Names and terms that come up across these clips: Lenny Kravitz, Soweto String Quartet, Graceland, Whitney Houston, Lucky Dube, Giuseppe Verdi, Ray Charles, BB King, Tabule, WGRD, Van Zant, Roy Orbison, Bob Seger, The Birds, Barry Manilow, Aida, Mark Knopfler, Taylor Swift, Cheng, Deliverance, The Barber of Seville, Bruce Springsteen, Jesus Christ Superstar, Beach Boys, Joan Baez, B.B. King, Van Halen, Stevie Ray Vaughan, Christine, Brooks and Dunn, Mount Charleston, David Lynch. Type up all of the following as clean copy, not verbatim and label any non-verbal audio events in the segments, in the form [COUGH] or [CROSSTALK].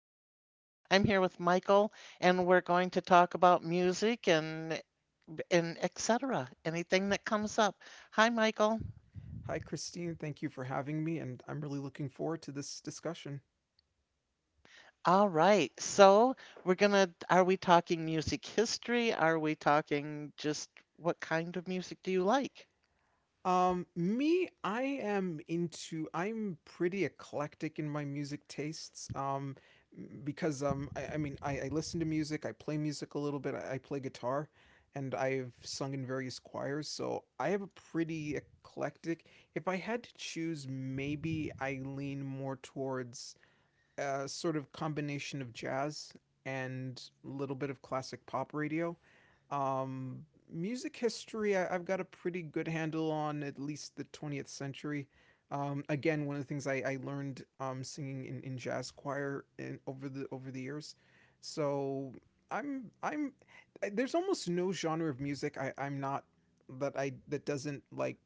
Christine. I'm here with Michael, and we're going to talk about music and etc. Anything that comes up. Hi, Michael. Hi, Christine. Thank you for having me, and I'm really looking forward to this discussion. All right. So we're gonna. Are we talking music history? Are we talking just what kind of music do you like? Me, I am into, I'm pretty eclectic in my music tastes. Because I listen to music, I play music a little bit, I play guitar, and I've sung in various choirs, so I have a pretty eclectic. If I had to choose, maybe I lean more towards a sort of combination of jazz and a little bit of classic pop radio. Um, music history, I've got a pretty good handle on at least the 20th century. Again, one of the things I learned singing in jazz choir over the years. So I'm there's almost no genre of music I, I'm not that doesn't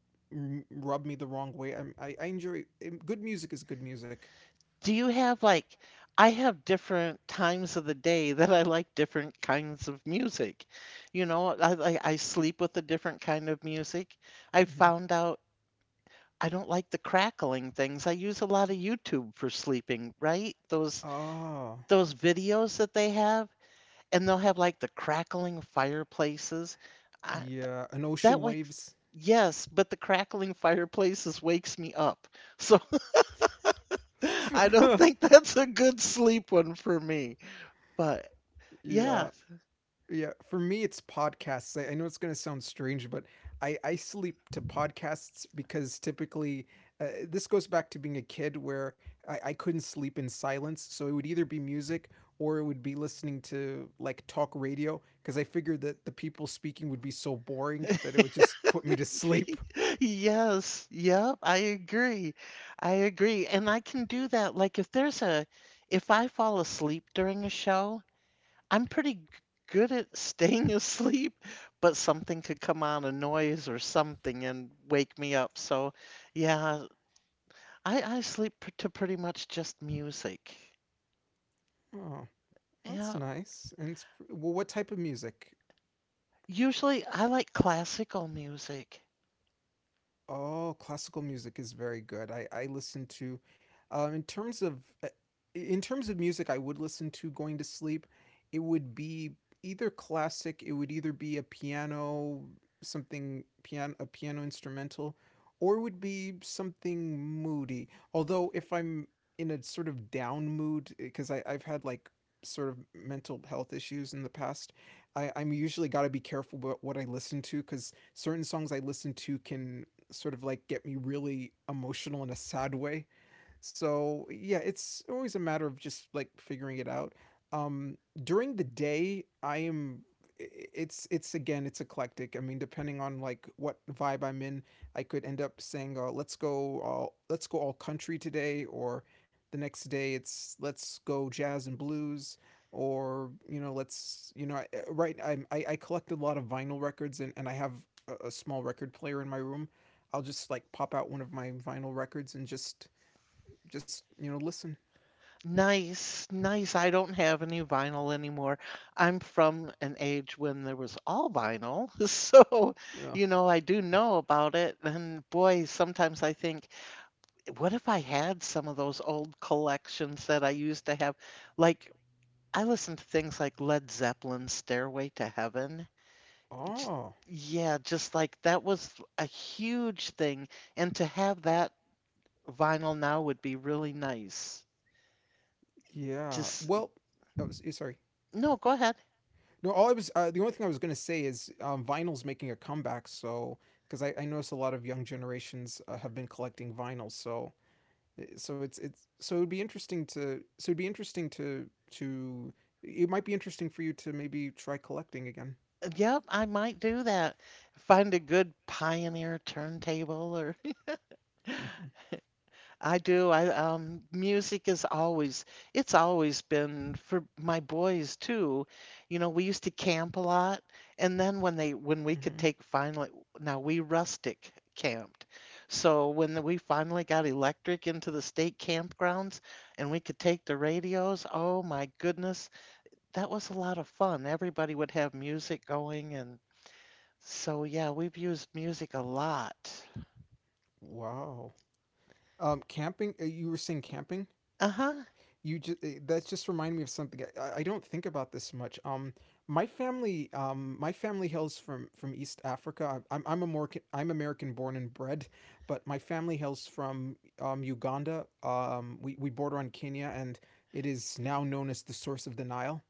rub me the wrong way. I enjoy good music is good music. Do you have like, I have different times of the day that I like different kinds of music. You know, I sleep with a different kind of music. I Hmm. found out I don't like the crackling things. I use a lot of YouTube for sleeping, right? Those Oh, those videos that they have, and they'll have like the crackling fireplaces. I, yeah. And that ocean wakes, waves. yes, but the crackling fireplaces wakes me up. So [LAUGHS] I don't [LAUGHS] think that's a good sleep one for me. But yeah. yeah. Yeah. For me, it's podcasts. I know it's going to sound strange, but I sleep to podcasts because typically this goes back to being a kid where I couldn't sleep in silence. So it would either be music or it would be listening to like talk radio because I figured that the people speaking would be so boring that it would just put me to [LAUGHS] [LAUGHS] sleep. Yes, yep, I agree. I agree. And I can do that. Like if there's a if I fall asleep during a show, I'm good at staying [LAUGHS] asleep, but something could come on a noise or something and wake me up. So, yeah, I sleep to pretty much just music. Oh, that's Yeah, nice. Well, what type of music? usually I like classical music. Oh, classical music is very good. I listen to, um, in terms of uh, in terms of music, I would listen to going to sleep. It would be either classic. It would either be a piano, something piano, a piano instrumental, or it would be something moody. Although if I'm in a sort of down mood, because I've had like sort of mental health issues in the past, I I'm usually got to be careful about what I listen to because certain songs I listen to can sort of like get me really emotional in a sad way, so yeah, it's always a matter of just like figuring it out. Um, during the day, It's again, it's eclectic. I mean, depending on like what vibe I'm in, I could end up saying, let's go all country today," or the next day it's let's go jazz and blues, or you know, let's you know, I- right? I'm, I collect a lot of vinyl records, and I have a small record player in my room. I'll just like pop out one of my vinyl records and just just listen. Nice, nice. I don't have any vinyl anymore. I'm from an age when there was all vinyl. [LAUGHS] So, Uh, you know, I do know about it. And boy, sometimes I think, what if I had some of those old collections that I used to have? Like, I listened to things like Led Zeppelin's Stairway to Heaven. J- oh, Yeah, just like that was a huge thing. And to have that vinyl now would be really nice. yeah. Just, Well, sorry. no, go ahead. No, all I was the only thing I was gonna say is vinyl's making a comeback. So because I notice a lot of young generations have been collecting vinyl. So eh, so it's so it'd be interesting to so it'd be interesting to it might be interesting for you to maybe try collecting again. Yep, I might do that. Find a good Pioneer turntable. Hmm. I do. I music is always it's always been for my boys too. You know, we used to camp a lot and then when we could Hmm. take finally now we rustic camped. So when we finally got electric into the state campgrounds and we could take the radios, oh my goodness, that was a lot of fun. Everybody would have music going and so yeah, we've used music a lot. Wow. Camping. You were saying camping. Uh-huh. You just That's just reminded me of something I don't think about this much. My family hails from east africa. I'm american, I'm american born and bred, but my family hails from uganda. We border on kenya, and it is now known as the source of the nile.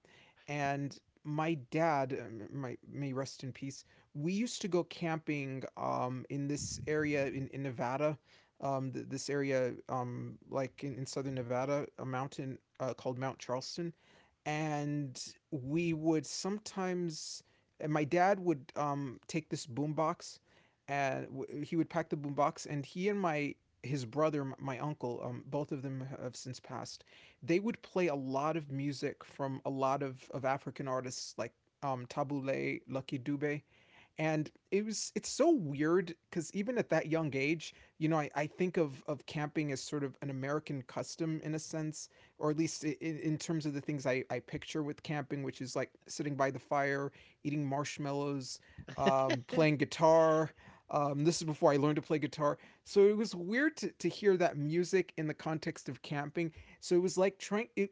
And my dad, my may rest in peace. We used to go camping in this area in Nevada, this area like in southern Nevada, a mountain called Mount Charleston, and we would sometimes. And my dad would take this boombox, and he would pack the boombox, and he and my his brother, my uncle, both of them have since passed. They would play a lot of music from a lot of African artists like Tabule, Lucky Dube, and it's so weird because even at that young age, you know, I think of camping as sort of an american custom in a sense, or at least in terms of the things I picture with camping, which is like sitting by the fire, eating marshmallows, playing [LAUGHS] guitar. This is before I learned to play guitar. So it was weird to hear that music in the context of camping. So it was like trying, it,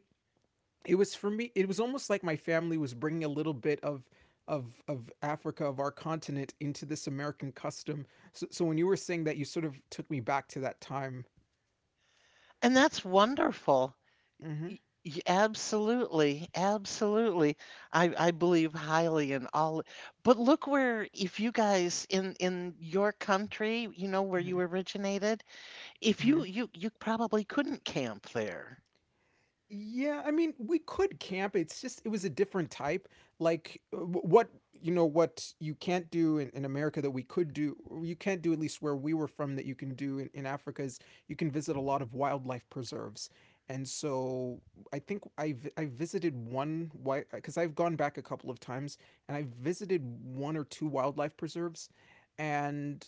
it was for me it was almost like my family was bringing a little bit of Africa, of our continent, into this American custom. So, so when you were saying that, you sort of took me back to that time. And that's wonderful. Mm-hmm. Y- Absolutely, absolutely. I believe highly in all. But look where if you guys in your country, you know where Mm-hmm. you originated, if Mm-hmm. you probably couldn't camp there. Yeah, I mean, we could camp. It's just it was a different type. Like what, you know, what you can't do in America that we could do, or you can't do at least where we were from that you can do in Africa is you can visit a lot of wildlife preserves. And so I visited one, why, because I've gone back a couple of times and I visited one or two wildlife preserves, and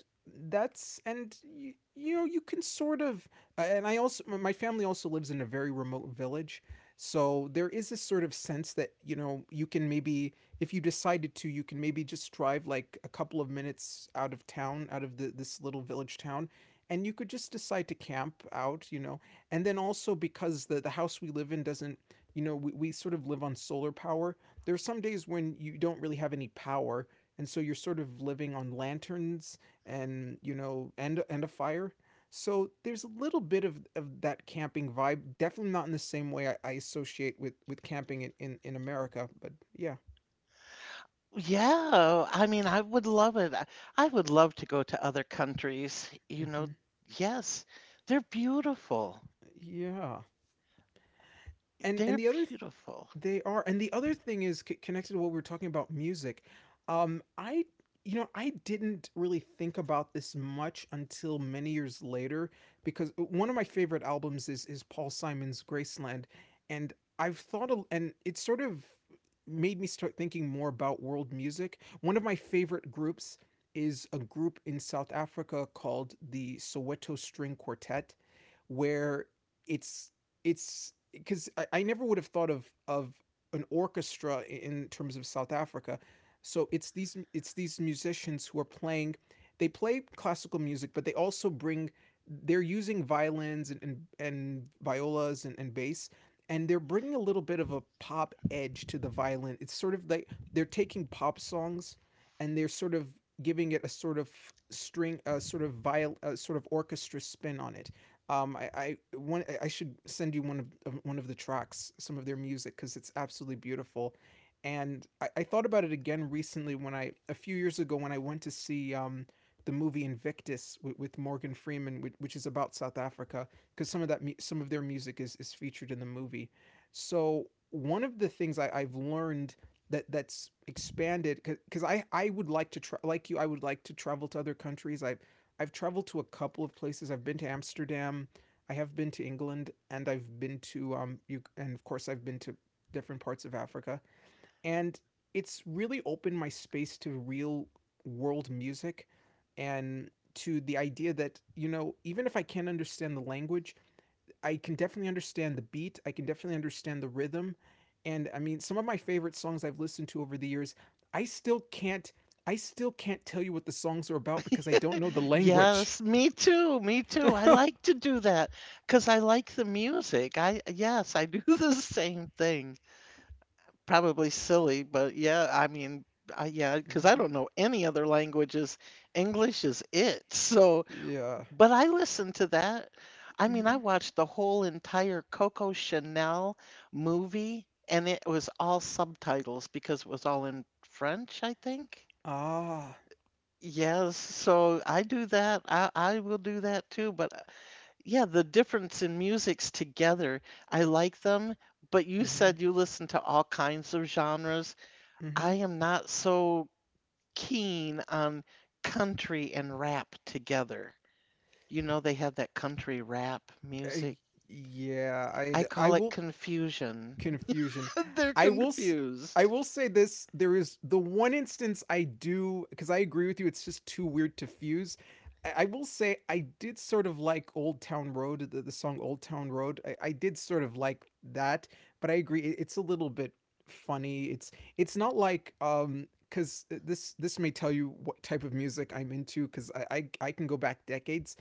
you know you can sort of and I also, my family also lives in a very remote village. So there is this sort of sense that, you know, you can maybe, if you decided to, you can maybe just drive like a couple of minutes out of town, out of this little village town, and you could just decide to camp out, you know. And then also because the house we live in doesn't, you know, we sort of live on solar power. There are some days when you don't really have any power. And so you're sort of living on lanterns and, you know, and a fire, so there's a little bit of that camping vibe. Definitely not in the same way I associate with camping in America, but yeah. Yeah, I mean, I would love it. I would love to go to other countries, you know. Hmm. Yes, they're beautiful. Yeah. And They're the other th- beautiful. They are. And the other thing is connected to what we were talking about, music. I You know, I didn't really think about this much until many years later, because one of my favorite albums is paul simon's graceland. And I've thought a, And it sort of made me start thinking more about world music. One of my favorite groups is a group in south africa called the soweto string quartet, where it's it's because I never would have thought of an orchestra in terms of South Africa. So it's these, it's these musicians who are playing. They play classical music, but they also bring. They're using violins and and violas and bass, and they're bringing a little bit of a pop edge to the violin. It's sort of like they're taking pop songs, and they're sort of giving it a sort of string, a sort of viol, a sort of orchestra spin on it. I should send you one one of the tracks, some of their music, because it's absolutely beautiful. And I thought about it again recently when I a few years ago when I went to see the movie Invictus with Morgan Freeman, which is about South Africa, because some of that some of their music is featured in the movie. So one of the things I've learned that that's expanded because I would like to like you I would like to travel to other countries. I've traveled to a couple of places. I've been to Amsterdam, I have been to England, and I've been to you and of course I've been to different parts of Africa. And it's really opened my space to real world music, and to the idea that, you know, even if I can't understand the language, I can definitely understand the beat, I can definitely understand the rhythm. And I mean, some of my favorite songs I've listened to over the years, I still can't I still can't tell you what the songs are about because I don't know the language. Yes, me too, me too. I like [LAUGHS] to do that because I like the music. I, yes, I do [LAUGHS] the same thing. Probably silly, but yeah, I mean, I, yeah, because I don't hmm. know any other languages. English is it. [LAUGHS] So, Yeah. but I listen to that. I mean, I Hmm. watched the whole entire Coco Chanel movie and it was all subtitles because it was all in French, I think. Ah. Yes, so I do that. I will do that too, but yeah, the difference in music's together. I like them, but you Hmm. said you listen to all kinds of genres. I Hmm. am not so keen on country and rap together. You know, they have that country rap music. Yeah. I I call it will confusion. Confusion. [LAUGHS] They're I confused. will say this, there is the one instance I do, cuz I agree with you, it's just too weird to fuse. I will say I did sort of like Old Town Road, the song Old Town Road. I did sort of like that, but I agree it's a little bit funny. It's not like cuz this may tell you what type of music I'm into, cuz I can go back decades.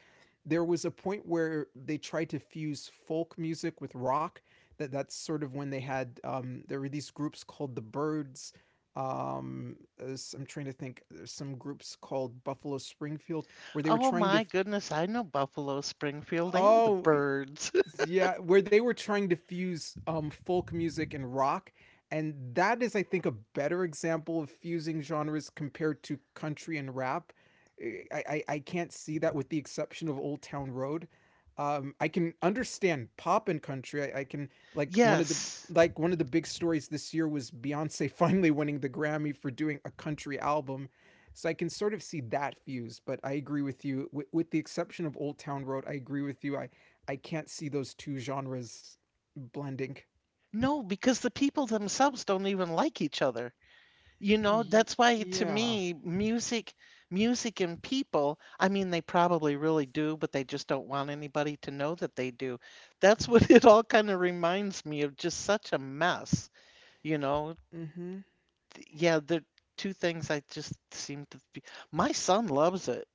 There was a point where they tried to fuse folk music with rock that's sort of when they had there were these groups called the Birds. Um, I'm trying to think. There's some groups called Buffalo Springfield where they were Oh trying tomy goodness, I know Buffalo Springfield and the Oh Birds. [LAUGHS] yeah, where they were trying to fuse folk music and rock. And that is, I think, a better example of fusing genres compared to country and rap. I can't see that with the exception of Old Town Road. I can understand pop and country. I can like one of the Yes. like one of the big stories this year was Beyonce [LAUGHS] finally winning the Grammy for doing a country album. So I can sort of see that fuse, but I agree with you. With the exception of Old Town Road, I agree with you. I can't see those two genres blending. No, because the people themselves don't even like each other. You know, Y- that's why to yeah. me, music and people, I mean, they probably really do, but they just don't want anybody to know that they do. That's what [LAUGHS] it all kind of reminds me of, just such a mess, you know. Mm-hmm. Yeah, the two things I just seem to be. My son loves it.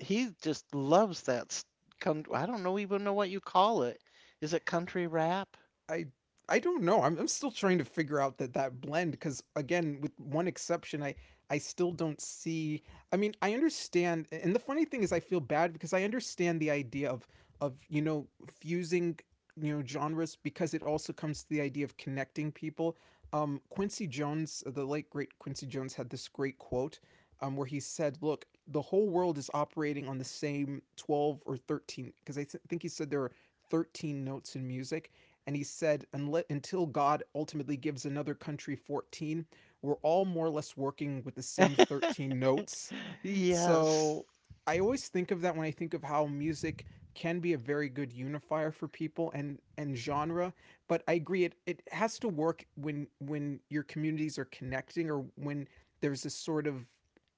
He just loves that. Con I don't know even know what you call it. Is it country rap? I I don't know. I'm still trying to figure out that blend because again, with one exception, I still don't see. I mean, I understand, and the funny thing is, I feel bad because I understand the idea of fusing genres because it also comes to the idea of connecting people. Quincy Jones, the late great Quincy Jones, had this great quote where he said, "Look, the whole world is operating on the same 12 or 13, because I think he said there are 13 notes in music." And he said, until God ultimately gives another country 14, we're all more or less working with the same [LAUGHS] 13 notes. Yes. So I always think of that when I think of how music can be a very good unifier for people and genre, but I agree, it has to work when your communities are connecting, or when there's this sort of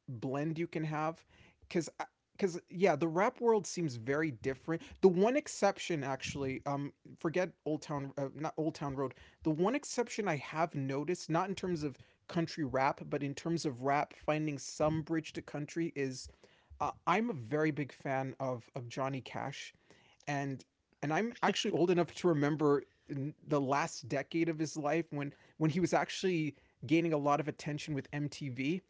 blend you can have because yeah, the rap world seems very different. The one exception, actually, forget Old Town, not Old Town Road, the one exception I have noticed, not in terms of country rap, but in terms of rap finding some bridge to country, is, I'm a very big fan of Johnny Cash, and I'm actually old enough to remember in the last decade of his life when he was actually gaining a lot of attention with MTV.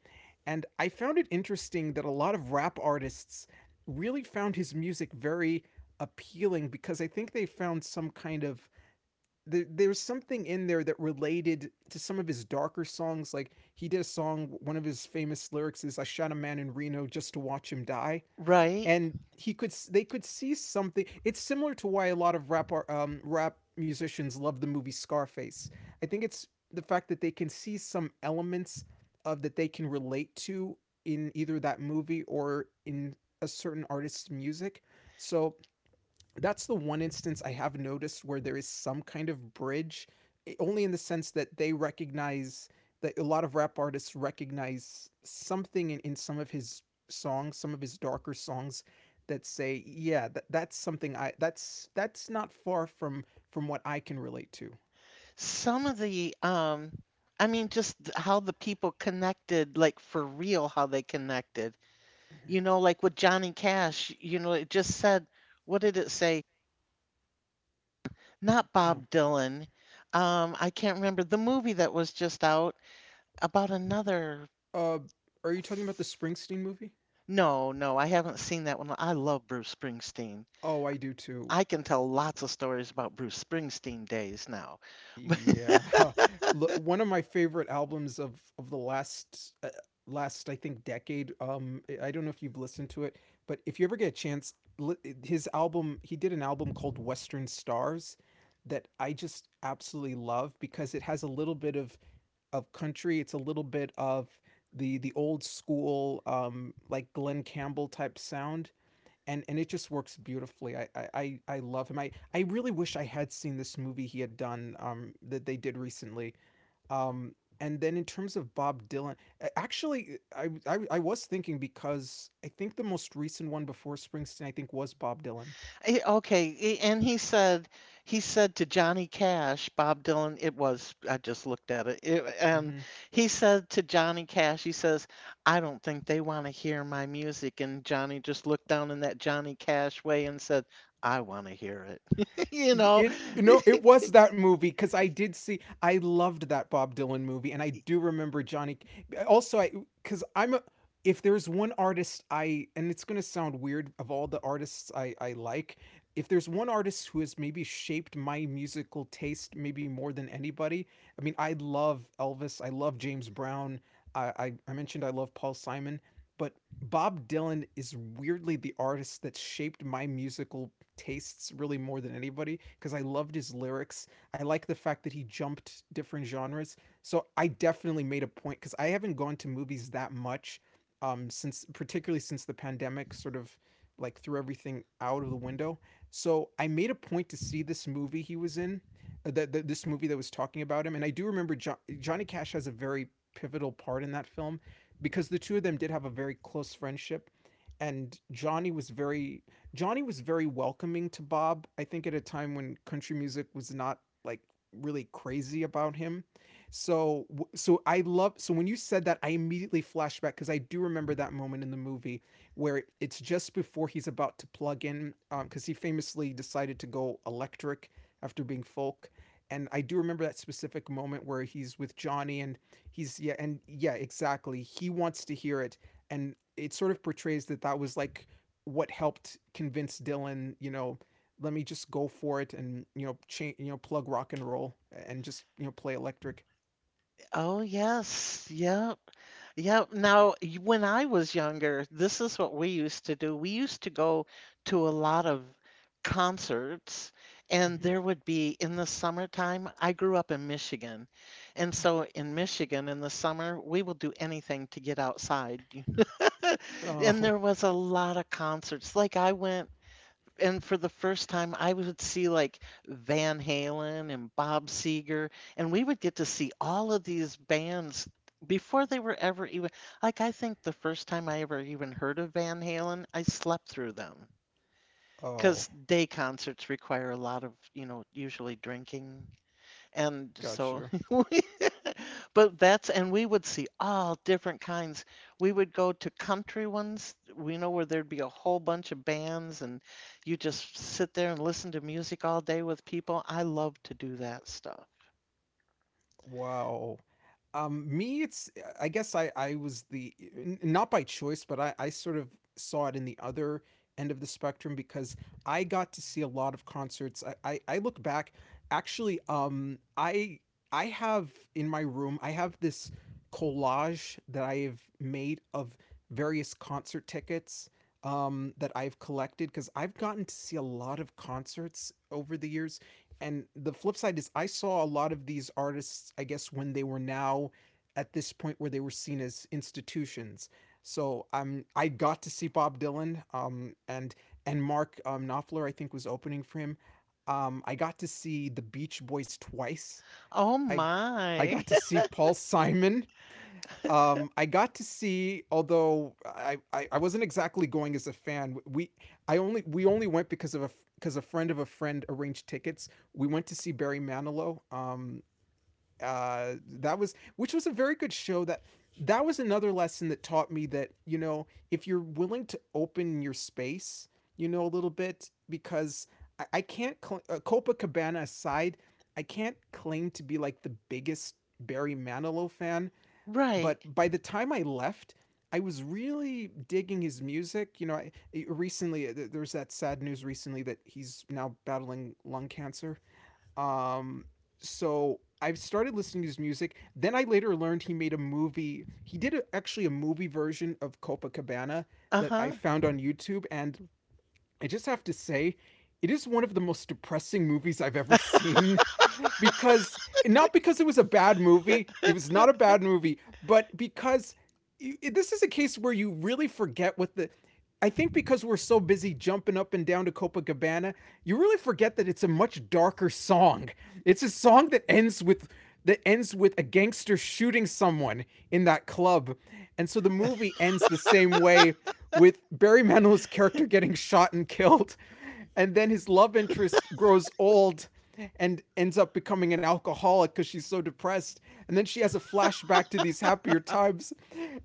And I found it interesting that a lot of rap artists really found his music very appealing, because I think they found some kind of there's something in there that related to some of his darker songs. Like, he did a song, one of his famous lyrics is, "I shot a man in Reno just to watch him die," Right? and he could they could see something. It's similar to why a lot of rap musicians love the movie Scarface. I think it's the fact that they can see some elements of that they can relate to in either that movie or in a certain artist's music. So that's the one instance I have noticed where there is some kind of bridge, eh, only in the sense that they recognize that a lot of rap artists recognize something in some of his songs, some of his darker songs, that say, yeah, that's something I that's not far from what I can relate to. Some of the, I mean, just how the people connected, like for real, how they connected. You know, like with Johnny Cash, you know, it just said, what did it say? Not Oh. Bob Dylan. I can't remember the movie that was just out about another. Uh are you talking about the f- Springsteen movie? No, no, I haven't seen that one. I love Bruce Springsteen. Oh, I do too. I can tell lots of stories about Bruce Springsteen days now. [LAUGHS] Yeah. [LAUGHS] Look, one of my favorite albums of the last last I think decade. I don't know if you've listened to it, but if you ever get a chance, his album, he did an album called Western Stars that I just absolutely love because it has a little bit of country, it's a little bit of the old school like Glenn Campbell type sound, and it just works beautifully. Love him. I really wish I had seen this movie he had done that they did recently. Um and then in terms of Bob Dylan, actually I was thinking, because I think the most recent one before Springsteen I think was Bob Dylan. Eh, okay, eh, and he said to Johnny Cash, Bob Dylan, it was I just looked at it and Hmm. he said to Johnny Cash, he says, I don't think they want to hear my music. And Johnny just looked down in that Johnny Cash way and said, I want to hear it. [LAUGHS] You know, It, no, it was that movie, because I did see. I loved that Bob Dylan movie, and I do remember Johnny. Also, I, because I'm a. If there's one artist I, and it's gonna sound weird, of all the artists I like, if there's one artist who has maybe shaped my musical taste maybe more than anybody, I mean, I love Elvis, I love James Brown, I mentioned I love Paul Simon, but Bob Dylan is weirdly the artist that shaped my musical tastes really more than anybody, because I loved his lyrics. I like the fact that he jumped different genres. So I definitely made a point, because I haven't gone to movies that much since, particularly since the pandemic sort of like threw everything out of the window. So I made a point to see this movie he was in, this movie that was talking about him. And I do remember Johnny Cash has a very pivotal part in that film because the two of them did have a very close friendship. And Johnny was very welcoming to Bob, I think at a time when country music was not like really crazy about him. So I love, so when you said that I immediately flashed back, cuz I do remember that moment in the movie where it's just before he's about to plug in, because cuz he famously decided to go electric after being folk, and I do remember that specific moment where he's with Johnny, and he's, yeah, and yeah, exactly, he wants to hear it, and it sort of portrays that that was like what helped convince Dylan, you know, let me just go for it and, you know, change, you know, plug rock and roll and just, you know, play electric. oh, yes. Yep. Yep. Now, when I was younger, this is what we used to do. We used to go to a lot of concerts, and Mm-hmm. there would be in the summertime. I grew up in Michigan. And so in Michigan, in the summer, we will do anything to get outside. [LAUGHS] And Oh, there was a lot of concerts. Like I went and for the first time, I would see like Van Halen and Bob Seger, and we would get to see all of these bands before they were ever even like I think the first time I ever even heard of Van Halen, I slept through them oh, because day concerts require a lot of, you know, usually drinking. And got so, you. [LAUGHS] we- but that's, and we would see all different kinds. We would go to country ones, we know where there'd be a whole bunch of bands, and you just sit there and listen to music all day with people. I love to do that stuff. Wow. Me, it's, I guess I was the not by choice, but I sort of saw it in the other end of the spectrum because I got to see a lot of concerts. I look back, actually, I have in my room I have this collage that I have made of various concert tickets that I've collected because I've gotten to see a lot of concerts over the years, and the flip side is, I saw a lot of these artists, I guess, when they were now at this point where they were seen as institutions. So I got to see Bob Dylan, and Mark Knopfler, I think, was opening for him. I got to see the Beach Boys twice. Oh I my. got to [LAUGHS] see Paul Simon, I got to see, although I wasn't exactly going as a fan. We only went because of a because a friend of a friend arranged tickets. We went to see Barry Manilow. That was, which was a very good show. That was another lesson that taught me that, you know, if you're willing to open your space, you know, a little bit, because I can't Copacabana aside, I can't claim to be like the biggest Barry Manilow fan, Right. but by the time I left, I was really digging his music. You know, I, recently there was that sad news recently that he's now battling lung cancer. Um, so I've started listening to his music. Then I later learned he made a movie. He did a, actually a movie version of Copacabana that I Uh-huh. found on YouTube, and I just have to say, it is one of the most depressing movies I've ever [LAUGHS] seen because, not because it was a bad movie. It was not a bad movie, but because you, this is a case where you really forget what the. I think because we're so busy jumping up and down to Copacabana, you really forget that it's a much darker song. It's a song that ends with a gangster shooting someone in that club. And so the movie ends the same way, with Barry Manilow's character getting shot and killed, and then his love interest grows old and ends up becoming an alcoholic because she's so depressed. And then she has a flashback to these happier times.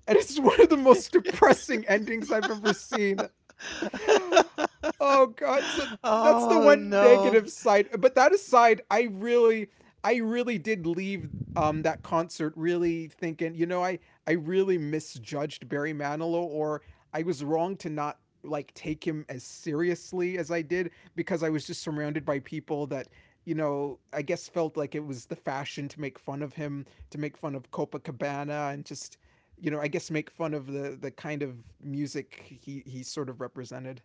And it's one of the most depressing endings I've ever seen. [LAUGHS] Oh god, so that's the Oh one no. negative side. But that aside, I really did leave that concert really thinking, you know, I really misjudged Barry Manilow. Or I was wrong to not like take him as seriously as I did, because I was just surrounded by people that, you know, I guess felt like it was the fashion to make fun of him, to make fun of Copacabana, and just I guess make fun of the kind of music he sort of represented.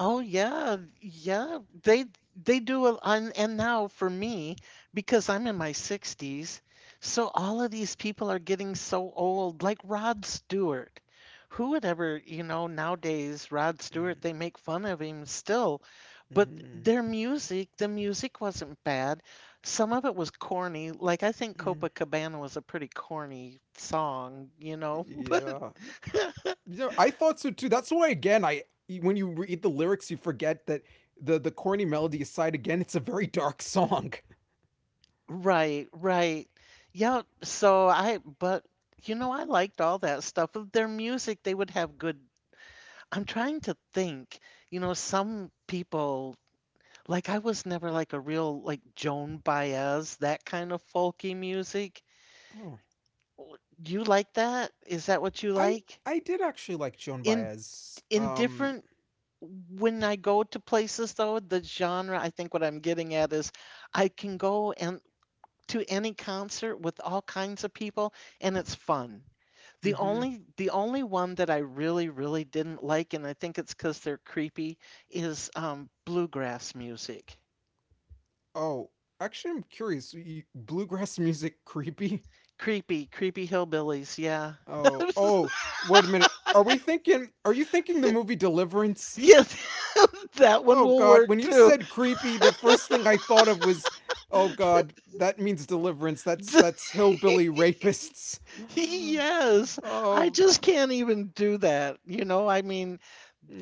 Oh yeah, yeah. They do a and, now for me, because I'm in my 60s, so all of these people are getting so old, like Rod Stewart. Who would ever, you know, nowadays Rod Stewart, Mm. they make fun of him still, but Mm-hmm. The music wasn't bad. Some of it was corny. Like I think Copacabana was a pretty corny song, you know, [LAUGHS] Yeah, but yeah, I thought so too. That's why, again, when you read the lyrics you forget that the corny melody aside, again, it's a very dark [LAUGHS] song. right, right. Yeah, so I, but you know, I liked all that stuff. Of their music, they would have good. I'm trying to think, you know, some people, like I was never like a real, like Joan Baez, that kind of folky music. Oh. W- You like that? Is that what you I like? I did actually like Joan In Baez. in different When I go to places though, the genre, I think what I'm getting at is I can go and to any concert with all kinds of people and it's fun. Mhm. The only one that I really really didn't like and I think it's cuz they're creepy is bluegrass music. Oh, actually I'm curious. Bluegrass [LAUGHS] music creepy? Creepy, creepy hillbillies, yeah. Oh, [LAUGHS] oh, wait a minute. Are you thinking the movie Deliverance? Yes, [LAUGHS] that one Oh will god, work when you too. said creepy, the first thing I thought of was, oh god, that means Deliverance. [LAUGHS] That's hillbilly rapists. [GASPS] Yes, I Oh. just can't even do that. You know, I mean,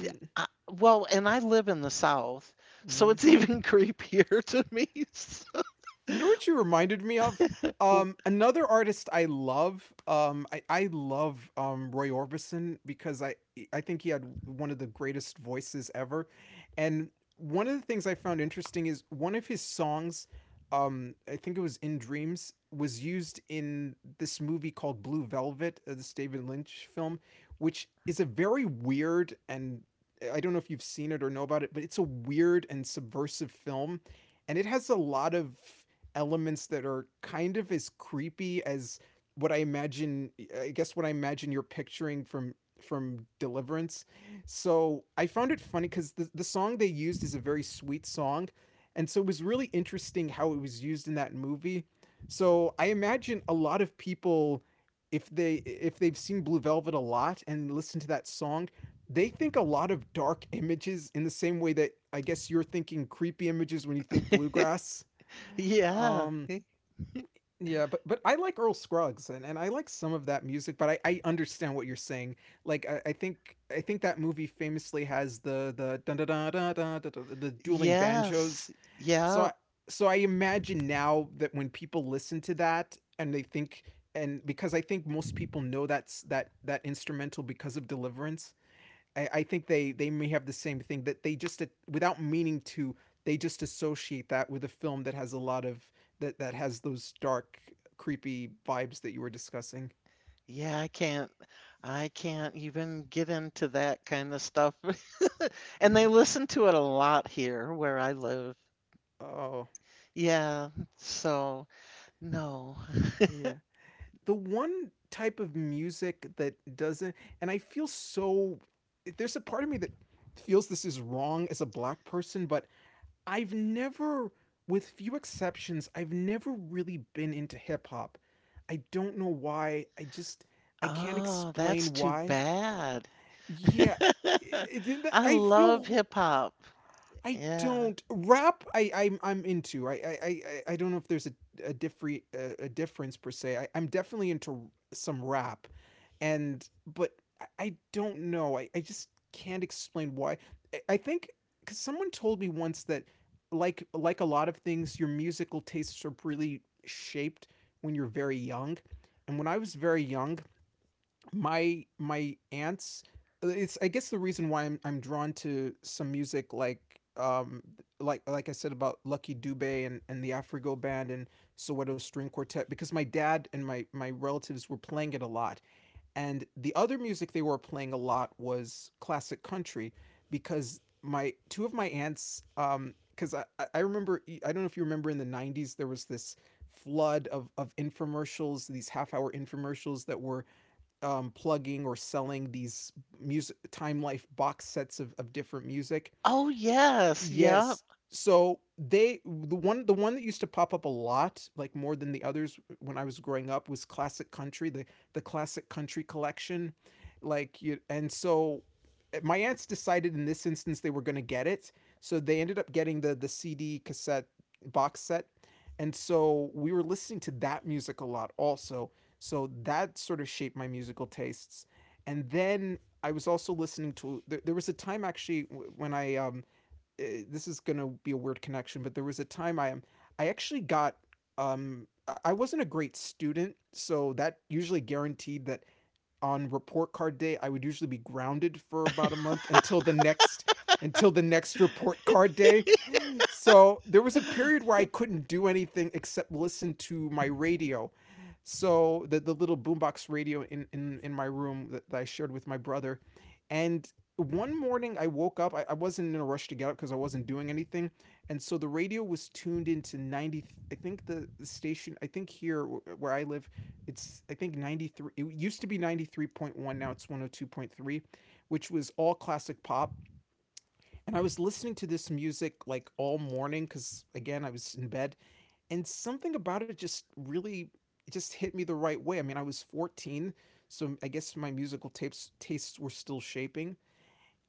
well, and I live in the South, so mm. it's even [LAUGHS] creepier to me. [LAUGHS] So, You know what you reminded me of? Another artist I love, I love Roy Orbison, because I think he had one of the greatest voices ever, and one of the things I found interesting is one of his songs, I think it was "In Dreams," was used in this movie called Blue Velvet, this David Lynch film, which is a very weird and, I don't know if you've seen it or know about it, but it's a weird and subversive film, and it has a lot of elements that are kind of as creepy as what I imagine, I guess what I imagine you're picturing from Deliverance. So I found it funny because the song they used is a very sweet song. And so it was really interesting how it was used in that movie. So I imagine a lot of people, if they if they've seen Blue Velvet a lot and listen to that song, they think a lot of dark images in the same way that I guess you're thinking creepy images when you think bluegrass. yeah. Um yeah, but I like Earl Scruggs, and I like some of that music, but I understand what you're saying. I think that movie famously has the dun dun dun dun dun dun dun- the dueling banjos. Yes. So Yeah. I so I imagine now that when people listen to that, and they think, and because I think most people know that's that instrumental because of Deliverance, I think they may have the same thing, that they just without meaning to, they just associate that with a film that has a lot of that has those dark creepy vibes that you were discussing. Yeah, I can't. I can't even get into that kind of stuff. [LAUGHS] And they Mm. listen to it a lot here where I live. Oh Yeah. So, no. yeah, the one type of music that doesn't, and I feel so, there's a part of me that feels this is wrong as a black person, but I've never, with few exceptions, I've never really been into hip hop. I don't know why. I can't Oh, that's explain too why. bad. [LAUGHS] Yeah, I I love feel hip hop. I Yeah. don't rap. I'm into. I- don't know if there's a different a difference per se. I'm definitely into some rap, and but I- don't know. I just can't explain why. I think because someone told me once that, like a lot of things, your musical tastes are really shaped when you're very young. And when I was very young, my aunts, it's I guess the reason why I'm drawn to some music, like um like I said, about Lucky Dubé and the Afrigo Band and Soweto String Quartet, because my dad and my relatives were playing it a lot, and the other music they were playing a lot was classic country, because my two of my aunts, because I remember, I don't know if you remember in the 90s, there was this flood of infomercials, these half hour infomercials that were, plugging or selling these music, Time Life box sets of different music. Oh, yes. Yep. Yes. So they, the one that used to pop up a lot, like more than the others when I was growing up, was classic country, the classic country collection. Like you, and so my aunts decided in this instance they were gonna get it. So they ended up getting the CD cassette box set. And so we were listening to that music a lot also. So that sort of shaped my musical tastes. And then I was also listening to, there was a time actually when this is gonna be a weird connection, but there was a time I am I actually got, um, I wasn't a great student, so that usually guaranteed that on report card day I would usually be grounded for about a month until the next, until the next report card day. So there was a period [GASPS] where I couldn't do anything except listen to my radio. So the little boombox radio in my room that, that I shared with my brother. And one morning I woke up, I wasn't in a rush to get up because I wasn't doing anything. And so the radio was tuned into I think the station, I think here where I live, it's, I think 93, it used to be 93.1, now it's 102.3, which was all classic pop. And I was listening to this music like all morning, cuz again I was in bed, and something about it just really, it just hit me the right way. I mean, I was 14, so I guess my musical tapes tastes were still shaping,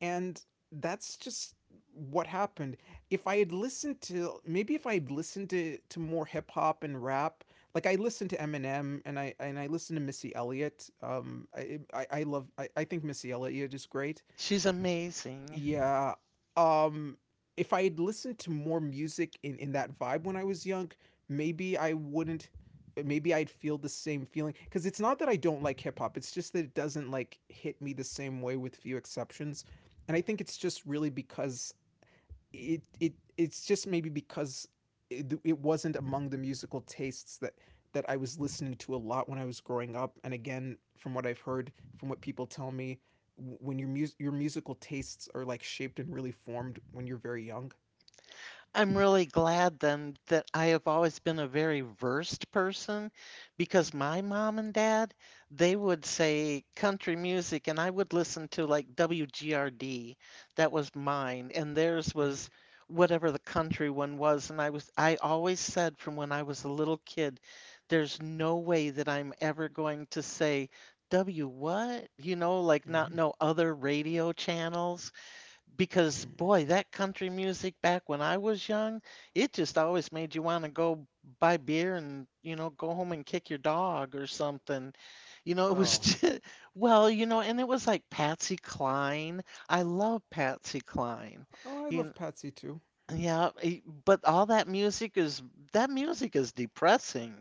and that's just what happened. If I had listened to, maybe if I had listened to, more hip hop and rap, like I listened to Eminem, and I listened to Missy Elliott. I love I think Missy Elliott is great. [LAUGHS] She's amazing. Yeah. Um, if I had listened to more music in that vibe when I was young, maybe I wouldn't, maybe I'd feel the same feeling, cuz it's not that I don't like hip hop, it's just that it doesn't like hit me the same way, with few exceptions. And I think it's just really because it's just maybe because it wasn't among the musical tastes that I was listening to a lot when I was growing up. And again, from what I've heard, from what people tell me, when your mus your musical tastes are like shaped and really formed when you're very young. I'm really glad then that I have always been a very versed person because my mom and dad, they would say country music and I would listen to like WGRD. That was mine and theirs Mm-hmm. was whatever the country one was and I always said from when I was a little kid, there's no way that I'm ever going to say W what? You know, like not Mm-hmm. know other radio channels because Mm-hmm. boy, that country music back when I was young, it just always made you want to go buy beer and, you know, go home and kick your dog or something. You know, it was [LAUGHS] Oh, just, well, you know, and it was like Patsy Cline. I love Patsy Cline. oh, I You know, love Patsy too. yeah, eh, but all that music is depressing.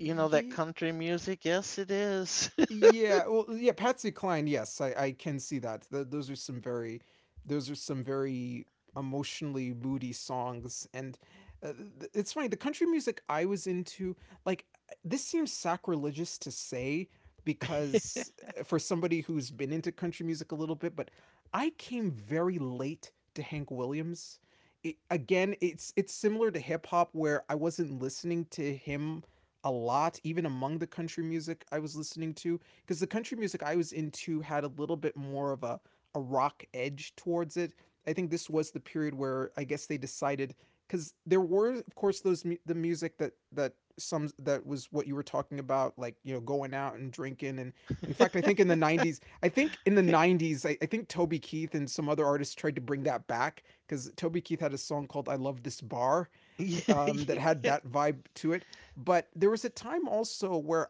You know, that Yeah. country music, yes, it is. [LAUGHS] Yeah, well, yeah, Patsy Cline. Yes, I can see that. Those are some very, those are some very emotionally moody songs, and uh, it's funny. The country music I was into, like, this seems sacrilegious to say, because, for somebody who's been into country music a little bit, but I came very late to Hank Williams. Again, it's similar to hip hop, where I wasn't listening to him a lot, even among the country music I was listening to, because the country music I was into had a little bit more of a rock edge towards it. I think this was the period where I guess they decided, because there were, of course, those the music that that some that was what you were talking about, like, you know, going out and drinking. And in fact, I think in the 90s, i think in the 90s i, I think Toby Keith and some other artists tried to bring that back, because Toby Keith had a song called "I Love This Bar," Yeah, that had yeah, that vibe to it. But there was a time also where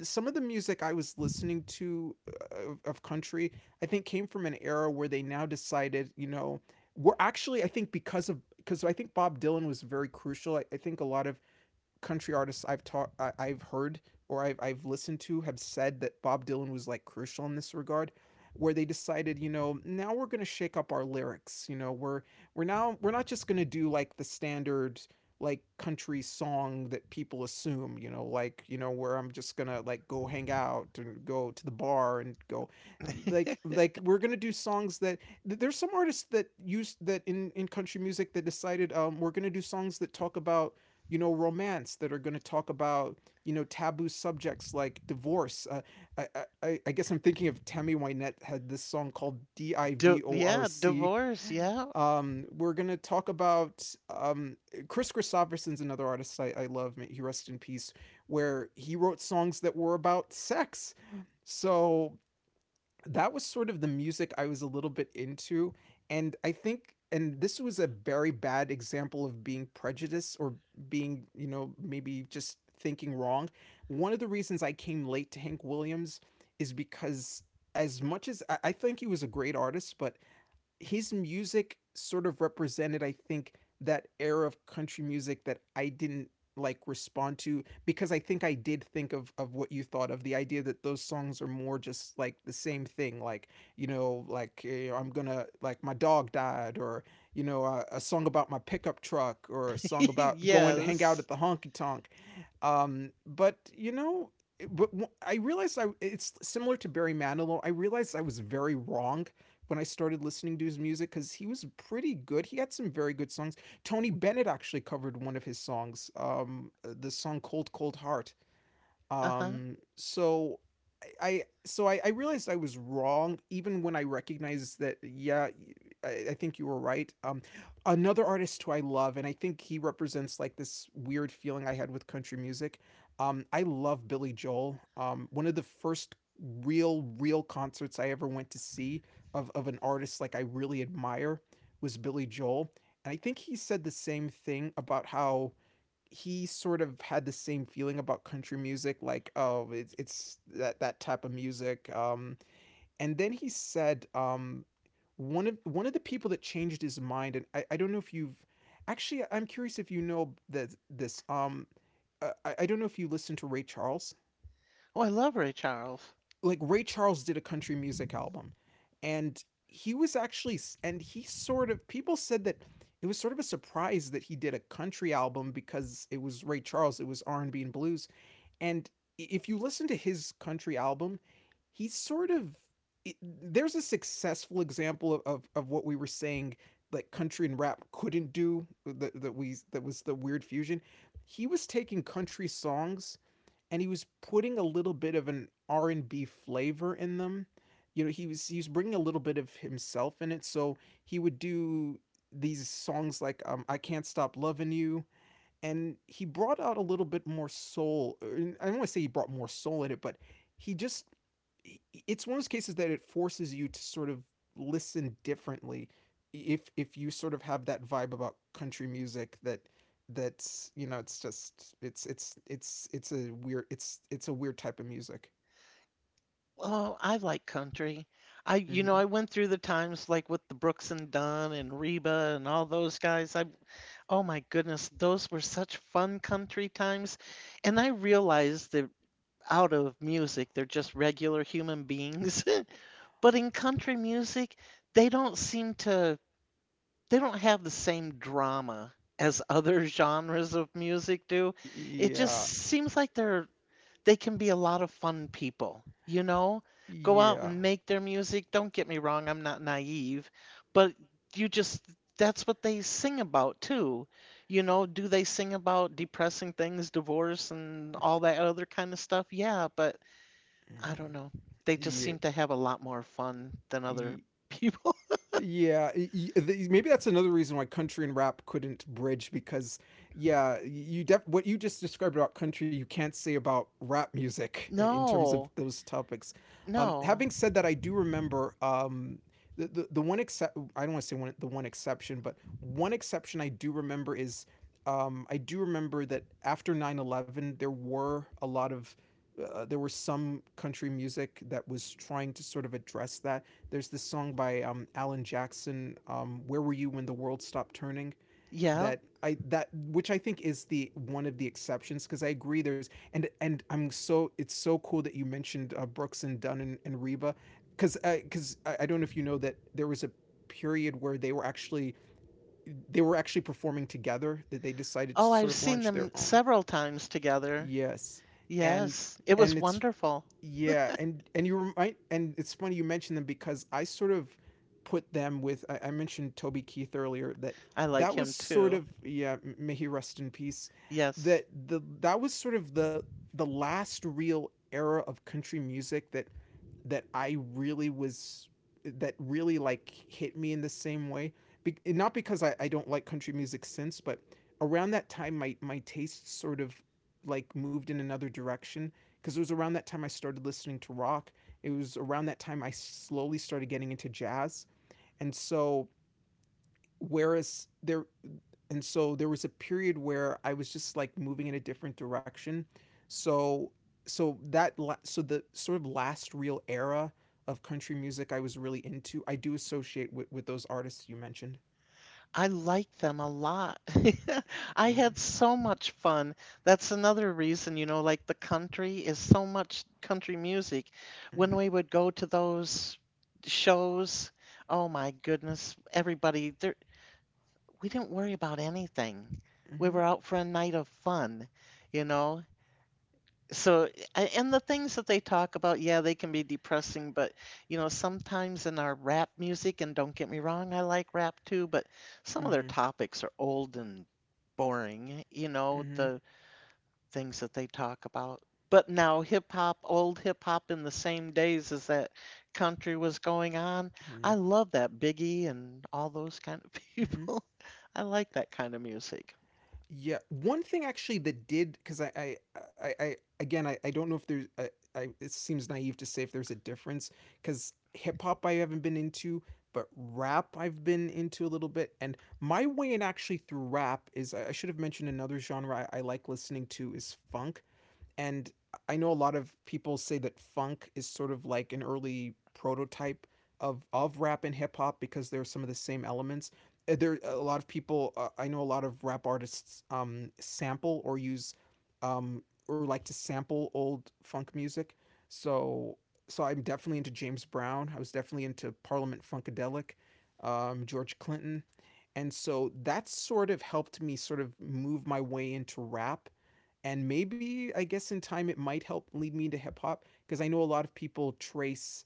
some of the music I was listening to, of country, I think, came from an era where they now decided, you know, we're actually, I think, because of, because I think Bob Dylan was very crucial. I think a lot of country artists I've heard or I've listened to, have said that Bob Dylan was like crucial in this regard, where they decided, you know, now we're gonna shake up our lyrics. You know, we're now, we're not just gonna do like the standard like country song that people assume, you know, like, you know, where I'm just gonna like go hang out and go to the bar and go, like we're gonna do songs that, there's some artists that used that in country music, that decided, um, we're gonna do songs that talk about, you know, romance, that are going to talk about, you know, taboo subjects like divorce. I, I guess I'm thinking of Tammy Wynette had this song called D I Di- V O R yeah, C. divorce, yeah. We're going to talk about um, Chris Christopherson's another artist I love, may he rest in peace, where he wrote songs that were about sex. So that was sort of the music I was a little bit into. And I think, and this was a very bad example of being prejudiced or being, you know, maybe just thinking wrong. One of the reasons I came late to Hank Williams is because, as much as I think he was a great artist, but his music sort of represented, I think, that era of country music that I didn't like respond to because I think I did think of what you thought of the idea that those songs are more just like the same thing like you know like I'm gonna like my dog died or you know a song about my pickup truck or a song [LAUGHS] about going to hang out Yes. at the honky tonk um, but you know, but I realized I it's similar to Barry Manilow. I realized I was very wrong when I started listening to his music because he was pretty good. He had some very good songs. Tony Bennett actually covered one of his songs, the song "Cold Cold Heart." Uh-huh. Um, so so I realized I was wrong even when I recognized that yeah, I think you were right. Another artist who I love and I think he represents like this weird feeling I had with country music. I love Billy Joel. One of the first real concerts I ever went to see of an artist like I really admire was Billy Joel, and I think he said the same thing about how he sort of had the same feeling about country music, like oh, it's that type of music. And then he said one of the people that changed his mind, and I don't know if you've actually I'm curious if you know that this I don't know if you listen to Ray Charles. Oh, I love Ray Charles. Like Ray Charles did a country music album, and he was actually and he sort of people said that it was sort of a surprise that he did a country album because it was Ray Charles, it was R and B and blues. And if you listen to his country album, he's sort of it, there's a successful example of, what we were saying, like country and rap couldn't do that was the weird fusion. He was taking country songs and he was putting a little bit of an r&b flavor in them. You know, he was bringing a little bit of himself in it. So he would do these songs like I can't stop loving you, and he brought out a little bit more soul. I don't want to say he brought more soul in it, but he just, it's one of those cases that it forces you to sort of listen differently if you sort of have that vibe about country music, that that's you know, it's just it's a weird it's a weird type of music. Oh, I like country. I, you know, hmm I went through the times like with the Brooks and Dunn and Reba and all those guys. I, oh my goodness, those were such fun country times. And I realized that out of music, they're just regular human beings. [LAUGHS] But in country music, they don't seem to, they don't have the same drama as other [LAUGHS] genres of music do. It just Yeah, seems like they're they can be a lot of fun people, you know? Go out yeah, and make their music. Don't get me wrong, I'm not naive, but you just, that's what they sing about too. You know, do they sing about depressing things, divorce, and all that other kind of stuff? Yeah, but I mm-mm. don't know. They just yeah, seem to have a lot more fun than other yeah, people. [LAUGHS] Yeah, maybe that's another reason why country and rap couldn't bridge because yeah, what you just described about country you can't say about rap music in terms of No, those topics. No. Having said that, I do remember the one except I don't want to say one exception, but one exception I do remember is I do remember that after 9/11, there were a lot of there were some country music that was trying to sort of address that. There's this song by Alan Jackson, "Where Were You When the World Stopped Turning." Yeah. That I that which I think is the one of the exceptions because I agree. There's, and I'm so it's so cool that you mentioned Brooks and Dunn and Reba because I don't know if you know that there was a period where they were actually performing together, that they decided to Oh, sort I've of seen launch their them own. several times together. Yes, and Yes, it and was it's, wonderful. yeah, and you remind, and it's funny you mentioned them because I sort of put them with I mentioned Toby Keith earlier, that I that like was him sort too. of yeah, may he rest in peace, Yes. that the that was sort of the last real era of country music that that I really was, that really like hit me in the same way. Not because I don't like country music since, but around that time my my tastes sort of like moved in another direction, because it was around that time I started listening to rock. It was around that time I slowly started getting into jazz. And so whereas there and so there was a period where I was just like moving in a different direction. So so that so the sort of last real era of country music I was really into, I do associate with those artists you mentioned. I like them a lot. [LAUGHS] I Mm-hmm. had so much fun. That's another reason, you know, like the country is so much country music. mm-hmm, When we would go to those shows, oh my goodness, everybody there we didn't worry about anything. We mm-hmm, were out for a night of fun, you know. So, and the things that they talk about, yeah, they can be depressing, but you know, sometimes in our rap music, and don't get me wrong, I like rap too, but some of their mm-hmm, topics are old and boring, you know, mm-hmm, the things that they talk about. But now hip hop, old hip hop in the same days as that country was going on, I love that Biggie and all those kind of [LAUGHS] mm-hmm. people. I like that kind of music. Yeah, one thing actually that did because I, again, I don't know if there's, I, it seems naive to say if there's a difference because hip hop I haven't been into, but rap I've been into a little bit, and my way in actually through rap is I should have mentioned another genre I like listening to is funk, and I know a lot of people say that funk is sort of like an early prototype of rap and hip hop because there are some of the same elements. There are a lot of people I know a lot of rap artists sample or use or like to sample old funk music. So so I'm definitely into James Brown. I was definitely into Parliament Funkadelic, George Clinton. And so that sort of helped me sort of move my way into rap, and maybe I guess in time it might help lead me into hip hop because I know a lot of people trace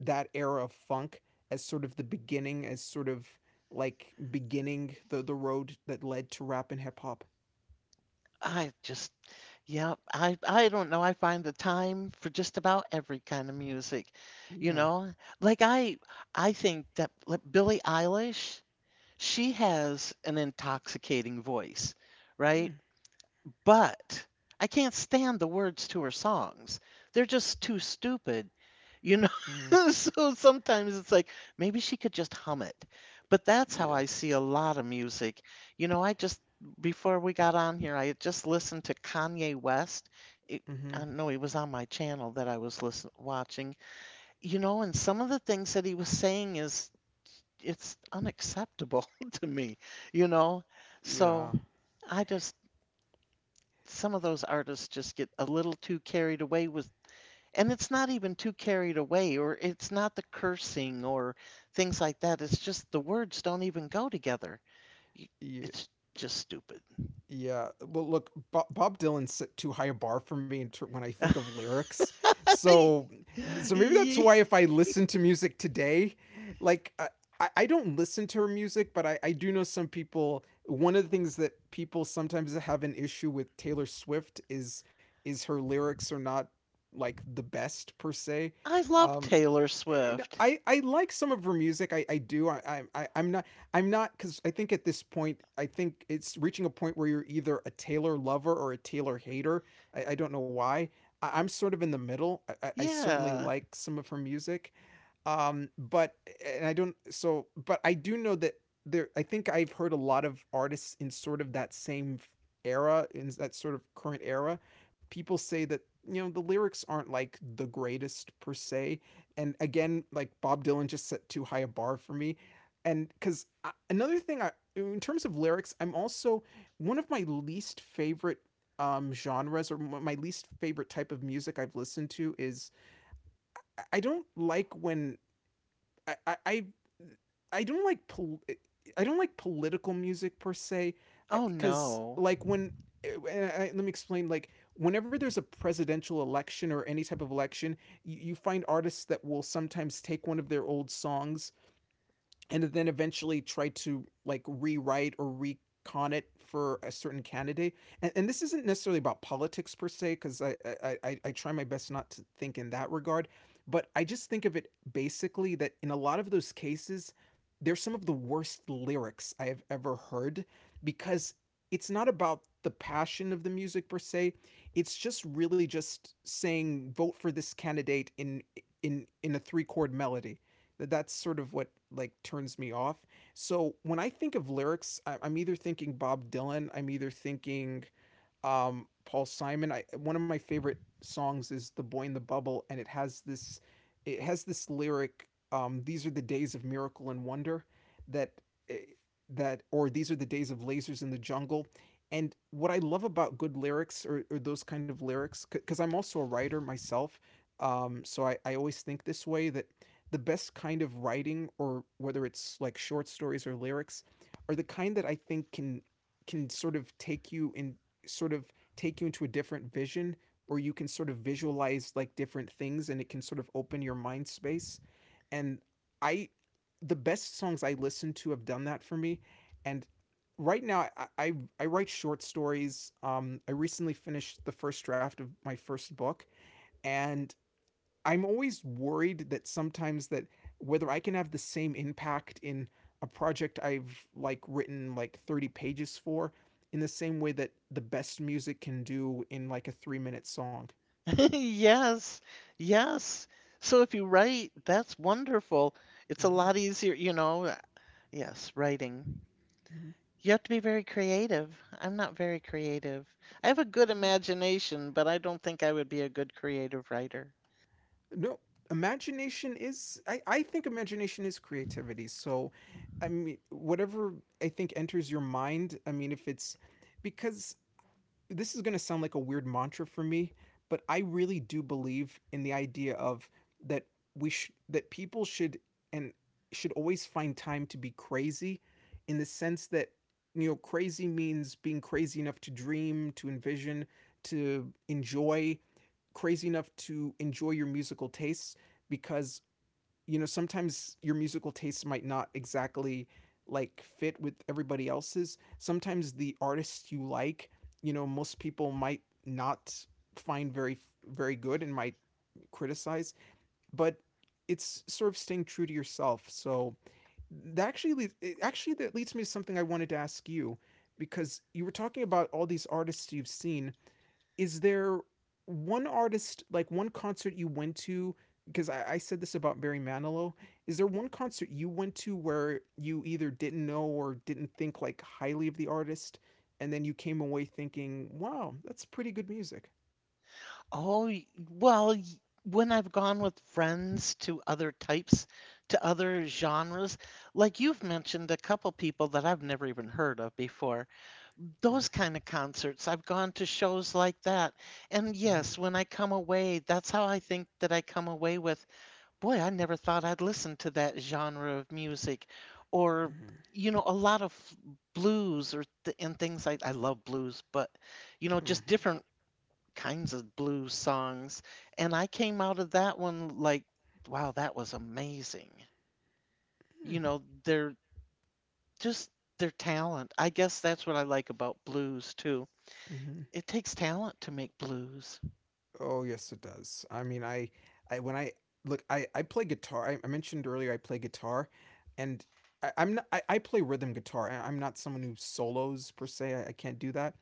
that era of funk as sort of the beginning, as sort of like beginning the road that led to rap and hip hop. I just, yeah, I don't know. I find the time for just about every kind of music, you Yeah. know? Like I I think that like Billie Eilish, she has an intoxicating voice, right? But I can't stand the words to her songs. They're just too stupid, you know? Mm-hmm. [LAUGHS] So sometimes it's like, maybe she could just hum it. But that's how Yeah. I see a lot of music. You know, I just, before we got on here, I had just listened to Kanye West. It, Mm-hmm. I don't know, he was on my channel that I was listen, watching. You know, and some of the things that he was saying is, it's unacceptable [LAUGHS] to me, you know? So Yeah. I just, some of those artists just get a little too carried away with and it's not even too carried away or it's not the cursing or things like that, it's just the words don't even go together. You- Yeah. it's just stupid. Yeah. Well, look, Bob Dylan set too high a bar for me in when I think of [LAUGHS] lyrics. So, so maybe that's Ye- why if I listen to music today, like I don't listen to her music, but I do know some people. One of the things that people sometimes have an issue with Taylor Swift is her lyrics are not like the best per se. I love Um, Taylor Swift. I I like some of her music. I do. I'm not. I'm not because I think at this point, I think it's reaching a point where you're either a Taylor lover or a Taylor hater. I don't know why. I'm sort of in the middle. I certainly Yeah. like some of her music, but and I don't so but I do know that there I think I've heard a lot of artists in sort of that same era, in that sort of current era, people say that you know the lyrics aren't like the greatest per se, and again like bob dylan just set too high a bar for me. And because another thing I in terms of lyrics, I'm also, one of my least favorite genres or my least favorite type of music I've listened to is, I don't like when I I I, I don't like I don't like political music per se, Oh because no. like when I, let me explain, like whenever there's a presidential election or any type of election, you find artists that will sometimes take one of their old songs and then eventually try to like rewrite or recon it for a certain candidate. And, this isn't necessarily about politics per se, because I try my best not to think in that regard. But I just think of it basically that in a lot of those cases, they're some of the worst lyrics I have ever heard because it's not about the passion of the music per se. It's just really just saying vote for this candidate in a three chord melody. That's sort of what like turns me off. So when I think of lyrics, I'm either thinking Bob Dylan, I'm either thinking Paul Simon. I, one of my favorite songs is "The Boy in the Bubble," and it has this, lyric. These are the days of miracle and wonder that eh, that, or these are the days of lasers in the jungle. And what I love about good lyrics, or those kind of lyrics, because I'm also a writer myself, so I always think this way that the best kind of writing, or whether it's like short stories or lyrics, are the kind that I think can can sort of take you in sort of take you into a different vision, or you can sort of visualize like different things, and it can sort of open your mind space. And I The best songs I listen to have done that for me. And right now I write short stories. I recently finished the first draft of my first book, and I'm always worried that sometimes that whether I can have the same impact in a project I've like written like 30 pages for, in the same way that the best music can do in like a 3-minute song. [LAUGHS] Yes, yes, so if you write, that's wonderful. It's a Mhm. lot easier, you know, yes, writing. Mhm. You have to be very creative. I'm not very creative. I have a good Mhm. imagination, but I don't think I would be a good creative writer. No, imagination is — I think imagination is creativity. So I mean whatever I think enters your mind, I mean, if it's, because this is going to sound like a weird mantra for me, but I really do believe in the idea of that that people should, and should always find time to be crazy, in the sense that, you know, crazy means being crazy enough to dream, to envision, to enjoy, crazy enough to enjoy your musical tastes. Because you know, sometimes your musical tastes might not exactly like fit with everybody else's. Sometimes the artists you like, you know, most people might not find very very good, and might criticize, but it's sort of staying true to yourself. So that actually, it actually, that leads me to something I wanted to ask you. Because you were talking about all these artists you've seen, is there one artist, like one concert you went to, because I said this about Barry Manilow, is there one concert you went to where you either didn't know or didn't think like highly of the artist, and then you came away thinking, wow, that's pretty good music? Oh, y- well, when I've gone with friends to other types, to other genres, like you've mentioned a couple people that I've never even heard of before, Oh. those kind of concerts, I've gone to shows like that. And Mm-hmm. yes, when I come away, that's how I think that I come away with. Boy, I never thought I'd listen to that genre of music or, Mm-hmm. you know, a lot of blues or th and things. I love blues, but, you know, just Mm-hmm. different kinds of blues songs. And I came out of that one like, wow, that was amazing. Mm-hmm. You know, they're just their talent. I guess that's what I like about blues too. Mm-hmm. It takes talent to make blues. Oh yes, it does. I when I I play guitar. I mentioned earlier I play guitar, and I play rhythm guitar. I'm not someone who solos per se. I can't do that.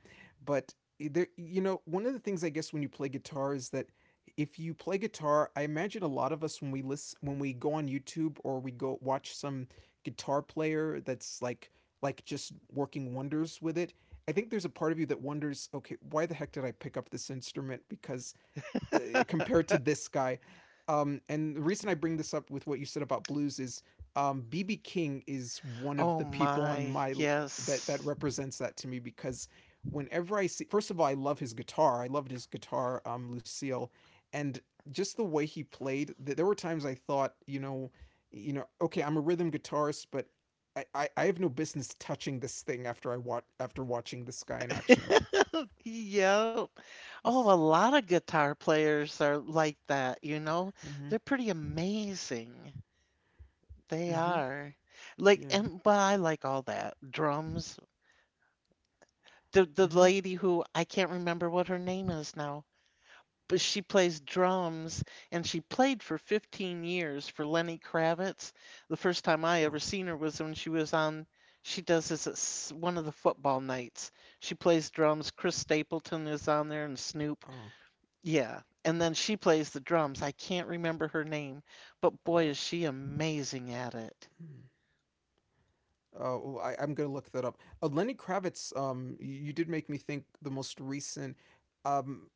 But there, you know, one of the things I guess when you play guitar is that if you play guitar, I imagine a lot of us, when we listen, when we go on YouTube or we go watch some guitar player that's like just working wonders with it, I think there's a part of you that wonders, okay, why the heck did I pick up this instrument? Because uh, compared to this guy. And the reason I bring this up with what you said about blues is BB King is one of Oh the people on my, my that yes. represents that to me, because whenever I see, first of all, I love his guitar. I loved his guitar, Lucille, and just the way he played. There were times I thought, you know, okay, I'm a rhythm guitarist, but I have no business touching this thing after I watch after watching this guy in action. [LAUGHS] Yep. Oh, a This. lot of guitar players are like that, you know? Mm-hmm. They're pretty amazing. They Mm-hmm. are. Like, Yeah. and well, I like all that. Drums. The Mm-hmm. lady who I can't remember what her name is now, but she plays drums and she played for 15 years for Lenny Kravitz. The first time I Oh. ever seen her was when she was on, she does this at one of the football nights. She plays drums. Chris Stapleton is on there and Snoop. Oh, Yeah, and then she plays the drums. I can't remember her name, but boy, uh, is she amazing at it. hmm. Oh, I'm gonna look that up. Lenny Kravitz. You did make me think the most recent. Um,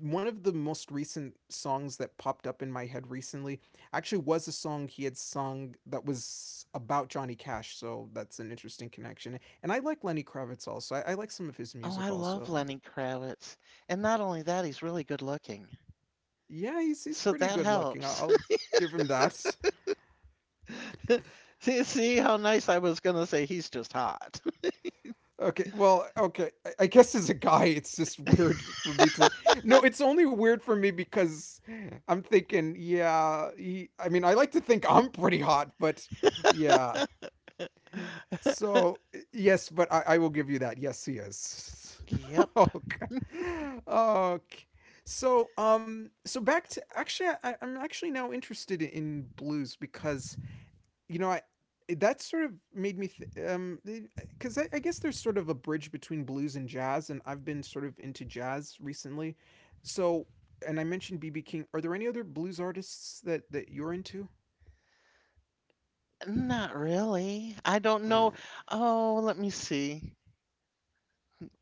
One of the most recent songs that popped up in my head recently actually was a song he had sung that was about Johnny Cash. So that's an interesting connection. And I like Lenny Kravitz also. I like some of his Oh, I music love also. Lenny Kravitz. And not only that, he's really good looking. Yeah, he's So pretty that good looking. Helps. I'll give him that. [LAUGHS] [LAUGHS] See, see how nice. I was going to say he's just hot. [LAUGHS] Okay, well, okay. I guess as a guy, it's just weird for me to. No, it's only weird for me because I'm thinking, yeah. He, I mean, I like to think I'm pretty hot, but yeah. So yes, but I will give you that. Yes, he is. [LAUGHS] Yep, Okay. Okay. So so back to actually, I'm actually now interested in blues because you know, I that sort of made me because I guess there's sort of a bridge between blues and jazz, and I've been sort of into jazz recently. So, and I mentioned BB King. Are there any other blues artists that you're into? not really. I don't know. Oh. Oh, let me see.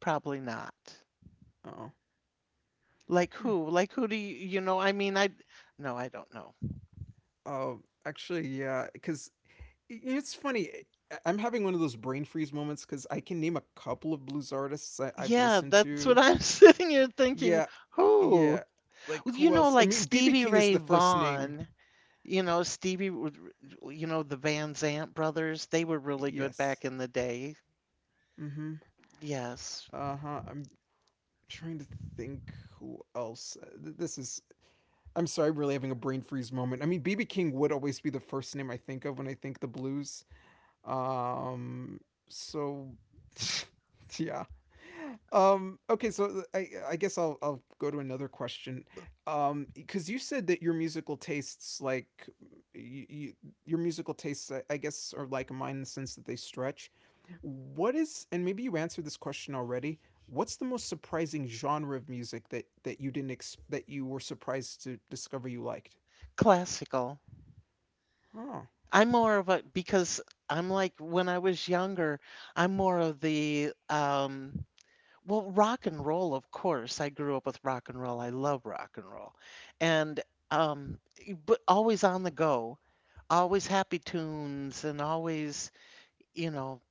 Probably not. Oh. Like Hmm. who? Like who do you, you know? I mean, I, no, I don't know. Oh. Actually, yeah, because it's funny. I'm having one of those brain freeze moments because I can name a couple of blues artists I've Yeah, listened that's to. what I'm [LAUGHS] sitting here thinking. Yeah, yeah. Who? Like You who know, else? I like mean, BB Stevie King is Ray the first name. Vaughan, you know, Stevie, you know, the Van Zant brothers, they were really good Yes. back in the day. Mm-hmm. Yes, Uh huh. I'm trying to think who else. This is. I'm sorry, I'm really having a brain freeze moment. I mean, BB King would always be the first name I think of when I think the blues. Um. So. [LAUGHS] Yeah. Okay. I guess I'll go to another question. Because you said that your musical tastes like. You, your musical tastes, I guess, are like mine in the sense that they stretch. What is, and maybe you answered this question already, what's the most surprising genre of music that you didn't ex- that you were surprised to discover you liked? classical. Oh, I'm more of a, because I'm like, when I was younger, I'm more of the, well, rock and roll, of course. I grew up with rock and roll. I love rock and roll. And, um, but always on the go, always happy tunes and always, you know,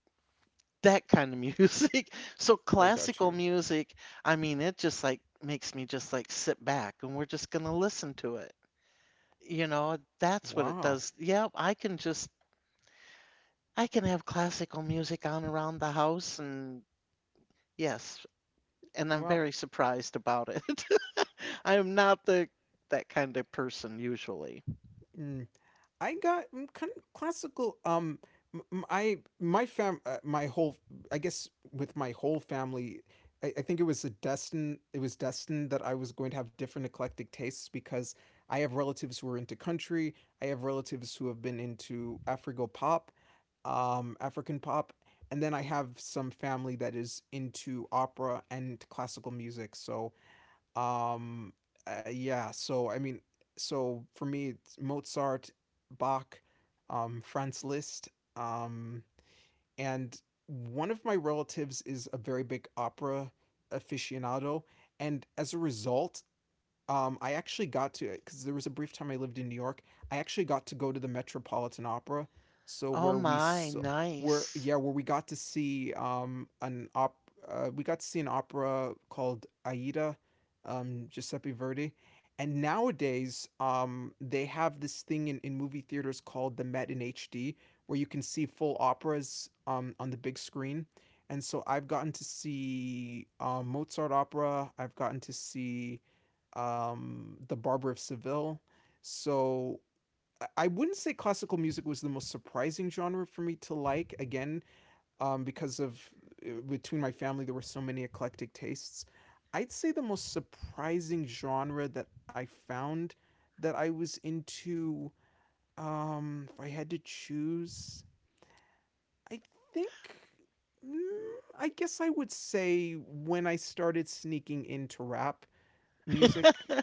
that kind of music. [LAUGHS] So I got classical you. music, I mean, it just like makes me just like sit back and we're just gonna listen to it. You know, that's what it Wow. does. Yeah, I can just I can have classical music on around the house and yes, and I'm Well, very surprised about it. [LAUGHS] I am not the that kind of person usually. mm, I got kind of classical. M- m- I my fam, my whole, I guess with my whole family, I think it was a destined. it was destined that I was going to have different eclectic tastes because I have relatives who are into country. I have relatives who have been into Afro pop, African pop, and then I have some family that is into opera and classical music. So um, yeah. So I mean, so for me, it's Mozart, Bach, Franz Liszt, um, and one of my relatives is a very big opera aficionado, and as a result, I actually got to, because there was a brief time I lived in New York. I actually got to go to the Metropolitan Opera, so Oh where we my, saw where nice. yeah where we got to see an op we got to see an opera called Aida, Giuseppe Verdi, and nowadays they have this thing in movie theaters called the Met in HD, where you can see full operas on the big screen. And so I've gotten to see, Mozart opera. I've gotten to see The Barber of Seville. So wouldn't say classical music was the most surprising genre for me to like, again, because of between my family, there were so many eclectic tastes. I'd say the most surprising genre that I found that I was into, if I had to choose, I think, I guess I would say, when I started sneaking into rap music.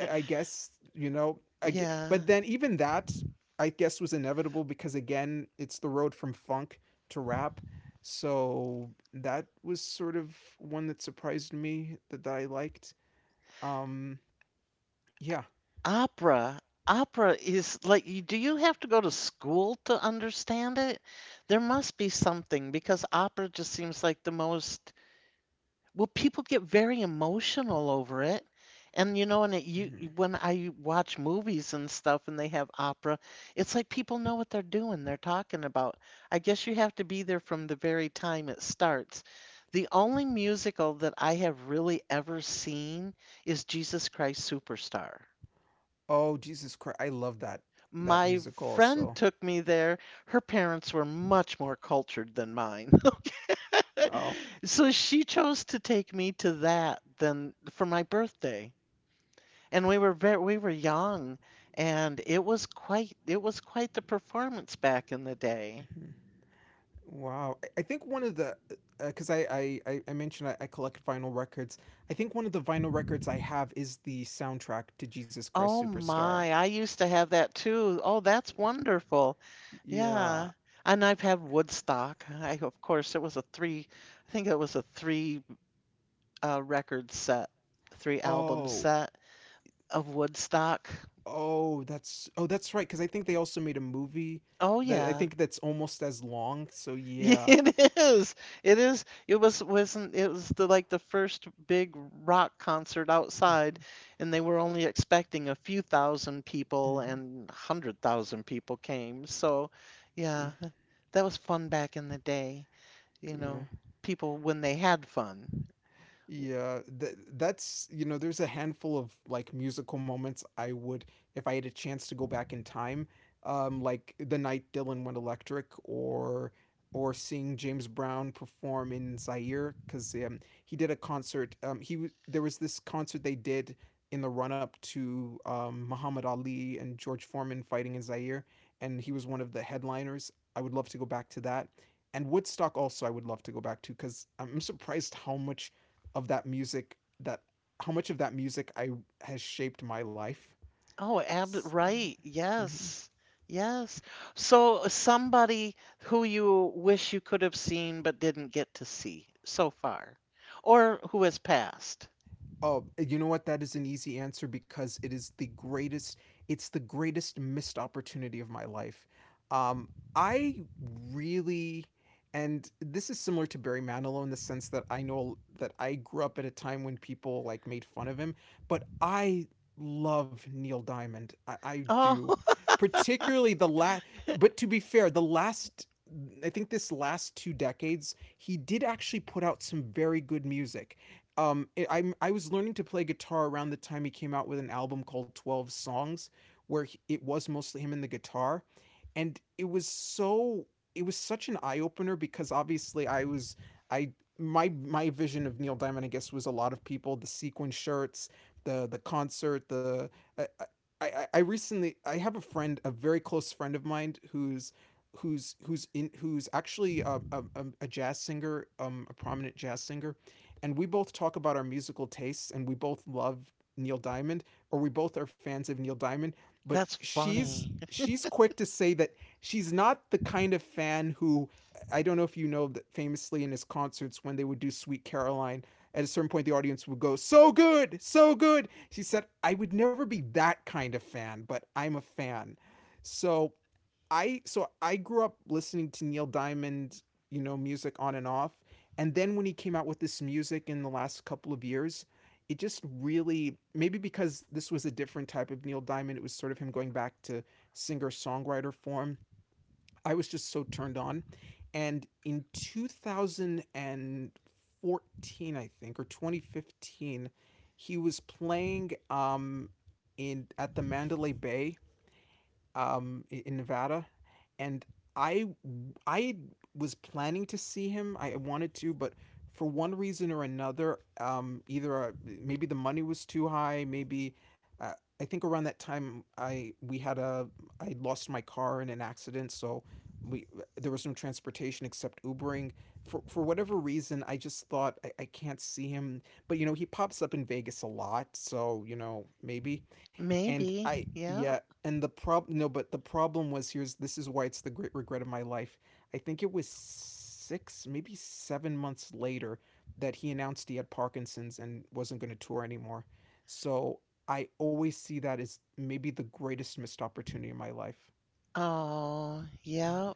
I- guess you know I g Yeah. But then even that I guess was inevitable, because again it's the road from funk to rap. So that was sort of one that surprised me, that I liked. um yeah Opera, opera is like, you, do you have to go to school to understand it? There must be something because opera just seems like the most, well, people get very emotional over it. And you know, and it, you mhm. when I watch movies and stuff and they have opera, it's like people know what they're doing, they're talking about. I guess you have to be there from the very time it starts. The only musical that I have really ever seen is Jesus Christ Superstar. Oh, Jesus Christ, I love that, that My music friend also. took me there. Her parents were much more cultured than mine. [LAUGHS] Oh. So she chose to take me to that than for my birthday. And we were very we were young and it was quite the performance back in the day. Mhm. Wow. I think one of the, because I mentioned I collect vinyl records. I think one of the vinyl records I have is the soundtrack to Jesus Christ Oh Superstar. my, I used to have that too. Oh, that's wonderful. Yeah. Yeah. And I've had Woodstock. I of course it was a three I think it was a three record set, three album Oh, set. Of Woodstock? oh, that's right. Because I think they also made a movie Oh, that I yeah. think that's almost as long. So [LAUGHS] yeah. It is. It is. It was wasn't it was the like the first big rock concert outside, Mhm. and they were only expecting a few thousand people Mhm. and 100,000 people came. So, yeah, Mm. that was fun back in the day, you Yeah. know, people when they had fun. Yeah, that's, you know, there's a handful of like musical moments I would, if I had a chance to go back in time, like the night Dylan went electric, or seeing James Brown perform in Zaire, because he did a concert. He was There was this concert they did in the run up to, Muhammad Ali and George Foreman fighting in Zaire, and he was one of the headliners. I would love to go back to that. And Woodstock also, I would love to go back to, because I'm surprised how much of that music that how much of that music I has shaped my life. Oh, ab S- right. mhm. Yes. Yes. So somebody who you wish you could have seen but didn't get to see so far, or who has passed. Oh, you know what? That is an easy answer, because it is the greatest. It's the greatest missed opportunity of my life. Um, I really, and this is similar to Barry Manilow in the sense that I know that I grew up at a time when people like made fun of him, but I love Neil Diamond. I Oh, do, [LAUGHS] particularly the last. But to be fair, the last. I think this last two decades, he did actually put out some very good music. I was learning to play guitar around the time he came out with an album called 12 Songs, where it was mostly him and the guitar. And it was such an eye opener because obviously I was, I, my vision of Neil Diamond, I guess, was a lot of people, the sequin shirts, the concert, the, I, I recently, I have a friend, a very close friend of mine who's actually a jazz singer, a prominent jazz singer, and we both talk about our musical tastes and we both love Neil Diamond, or we both are fans of Neil Diamond, but that's she's funny. she's quick to say that she's not the kind of fan who. I don't know if you know that famously in his concerts when they would do Sweet Caroline, at a certain point the audience would go so good, so good. She said I would never be that kind of fan, but I'm a fan. So so I grew up listening to Neil Diamond, you know, music on and off, and then when he came out with this music in the last couple of years, it just really, maybe because this was a different type of Neil Diamond, it was sort of him going back to singer-songwriter form. I was just so turned on. And in 2014, I think, or 2015, he was playing in at the Mandalay Bay, in Nevada, and I I was planning to see him. I wanted to, but for one reason or another, either maybe the money was too high, maybe uh, I think around that time I we had a I lost my car in an accident, so we there was no transportation except Ubering. For whatever reason, I just thought I can't see him, but you know he pops up in Vegas a lot, so you know maybe. And Maybe. I Yeah, Yeah. and the problem no, but the problem was, here's this is why it's the great regret of my life. I think it was 6, maybe 7 months later that he announced he had Parkinson's and wasn't going to tour anymore. So I always see that as maybe the greatest missed opportunity in my life. Oh, Hmm. yeah.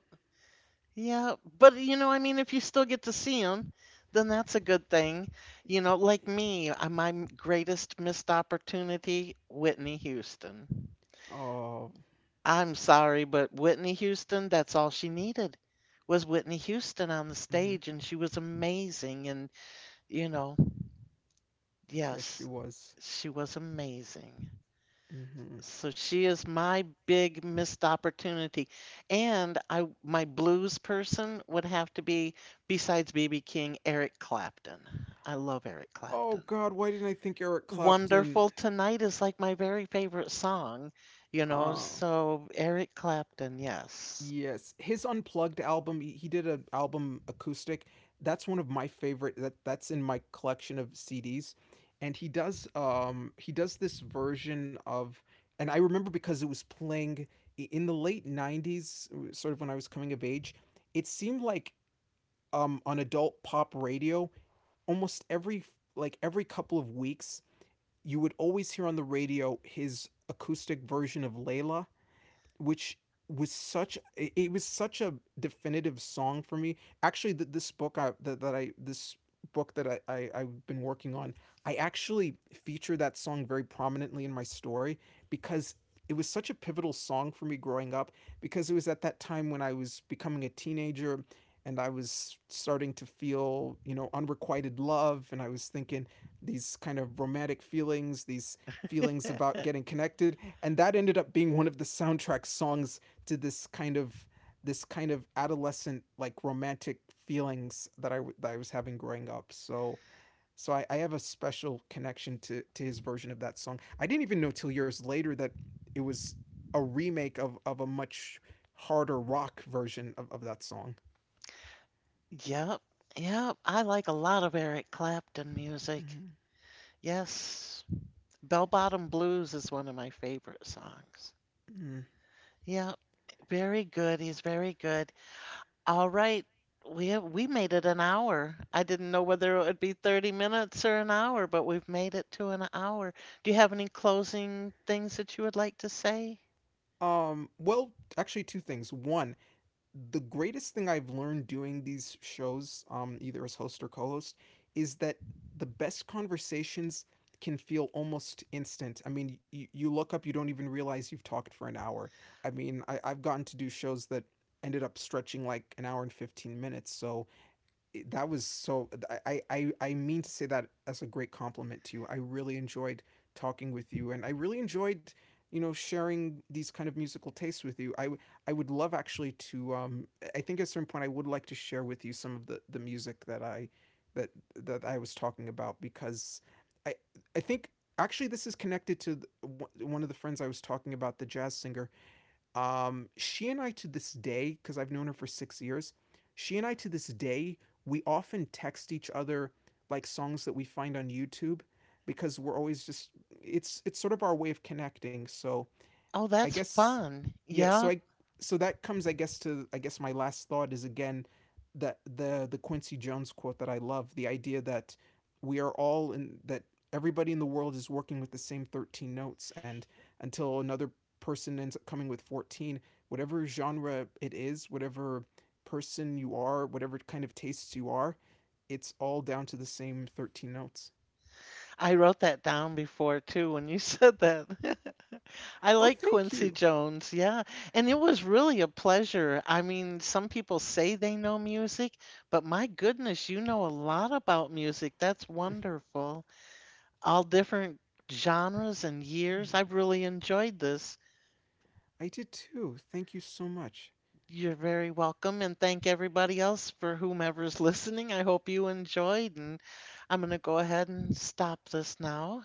Yeah. But you know, I mean, if you still get to see them, then that's a good thing. You know, like me, my greatest missed opportunity, Whitney Houston. Oh. I'm sorry, but Whitney Houston, that's all she needed was Whitney Houston on the Hmm. stage, and she was amazing. And, you know, Yes, she yes, was. she was amazing. Hmm. So she is my big missed opportunity. And I my blues person would have to be, besides B.B. King, Eric Clapton. I love Eric Oh Clapton. God, why didn't I think Eric Clapton? Wonderful Tonight is like my very favorite song, you know, Oh, so Eric Clapton, yes. yes, his unplugged album. He did an album acoustic. That's one of my favorite. That that's in my collection of CDs, and he does this version of, and I remember because it was playing in the late '90s, sort of when I was coming of age. It seemed like on adult pop radio, almost every f- like every couple of weeks, you would always hear on the radio his acoustic version of Layla, which was such it was such a definitive song for me. Actually th- this book I that, that I this book that I've been working on, I actually feature that song very prominently in my story because it was such a pivotal song for me growing up, because it was at that time when I was becoming a teenager and I was starting to feel, you know, unrequited love, and I was thinking these kind of romantic feelings, these feelings about [LAUGHS] getting connected, and that ended up being one of the soundtrack songs to this kind of adolescent like romantic feelings that I was having growing up. So I have a special connection to his version of that song. I didn't even know till years later that it was a remake of a much harder rock version of that song. Yep, yep. I like a lot of Eric Clapton music. Mm-hmm. Yes, Bell Bottom Blues is one of my favorite songs. Mm-hmm. Yep, very good. He's very good. All right, we have, we made it an hour. I didn't know whether it would be 30 minutes or an hour, but we've made it to an hour. Do you have any closing things that you would like to say? Two things. One, the greatest thing I've learned doing these shows, either as host or co-host, is that the best conversations can feel almost instant. I mean, you look up, you don't even realize you've talked for an hour. I mean, I've gotten to do shows that ended up stretching like an hour and 15 minutes. So that was so I mean to say that as a great compliment to you, I really enjoyed talking with you, and I really enjoyed, you know, sharing these kind of musical tastes with you. I would love actually to I think at a certain point I would like to share with you some of the music that I that that I was talking about, because i I think actually this is connected to one of the friends I was talking about, the jazz singer. She and I, to this day, because I've known her for 6 years, she and I to this day, we often text each other like songs that we find on YouTube because we're always just, it's sort of our way of connecting. So Oh, I that's guess, fun. yeah, Yeah. so that comes, I guess, to, I guess, my last thought is, again, that the Quincy Jones quote that I love, the idea that we are all in that everybody in the world is working with the same 13 notes, and until another person ends up coming with 14, whatever genre it is, whatever person you are, whatever kind of tastes you are, it's all down to the same 13 notes. I wrote that down before too when you said that. [LAUGHS] I Oh, like thank Quincy you. Jones, yeah. And it was really a pleasure. I mean, some people say they know music, but my goodness, you know a lot about music. That's wonderful. All different genres and years. Mhm. I've really enjoyed this. I did too, thank you so much. You're very welcome, and thank everybody else for whomever's [LAUGHS] listening. I hope you enjoyed, and I'm going to go ahead and stop this now.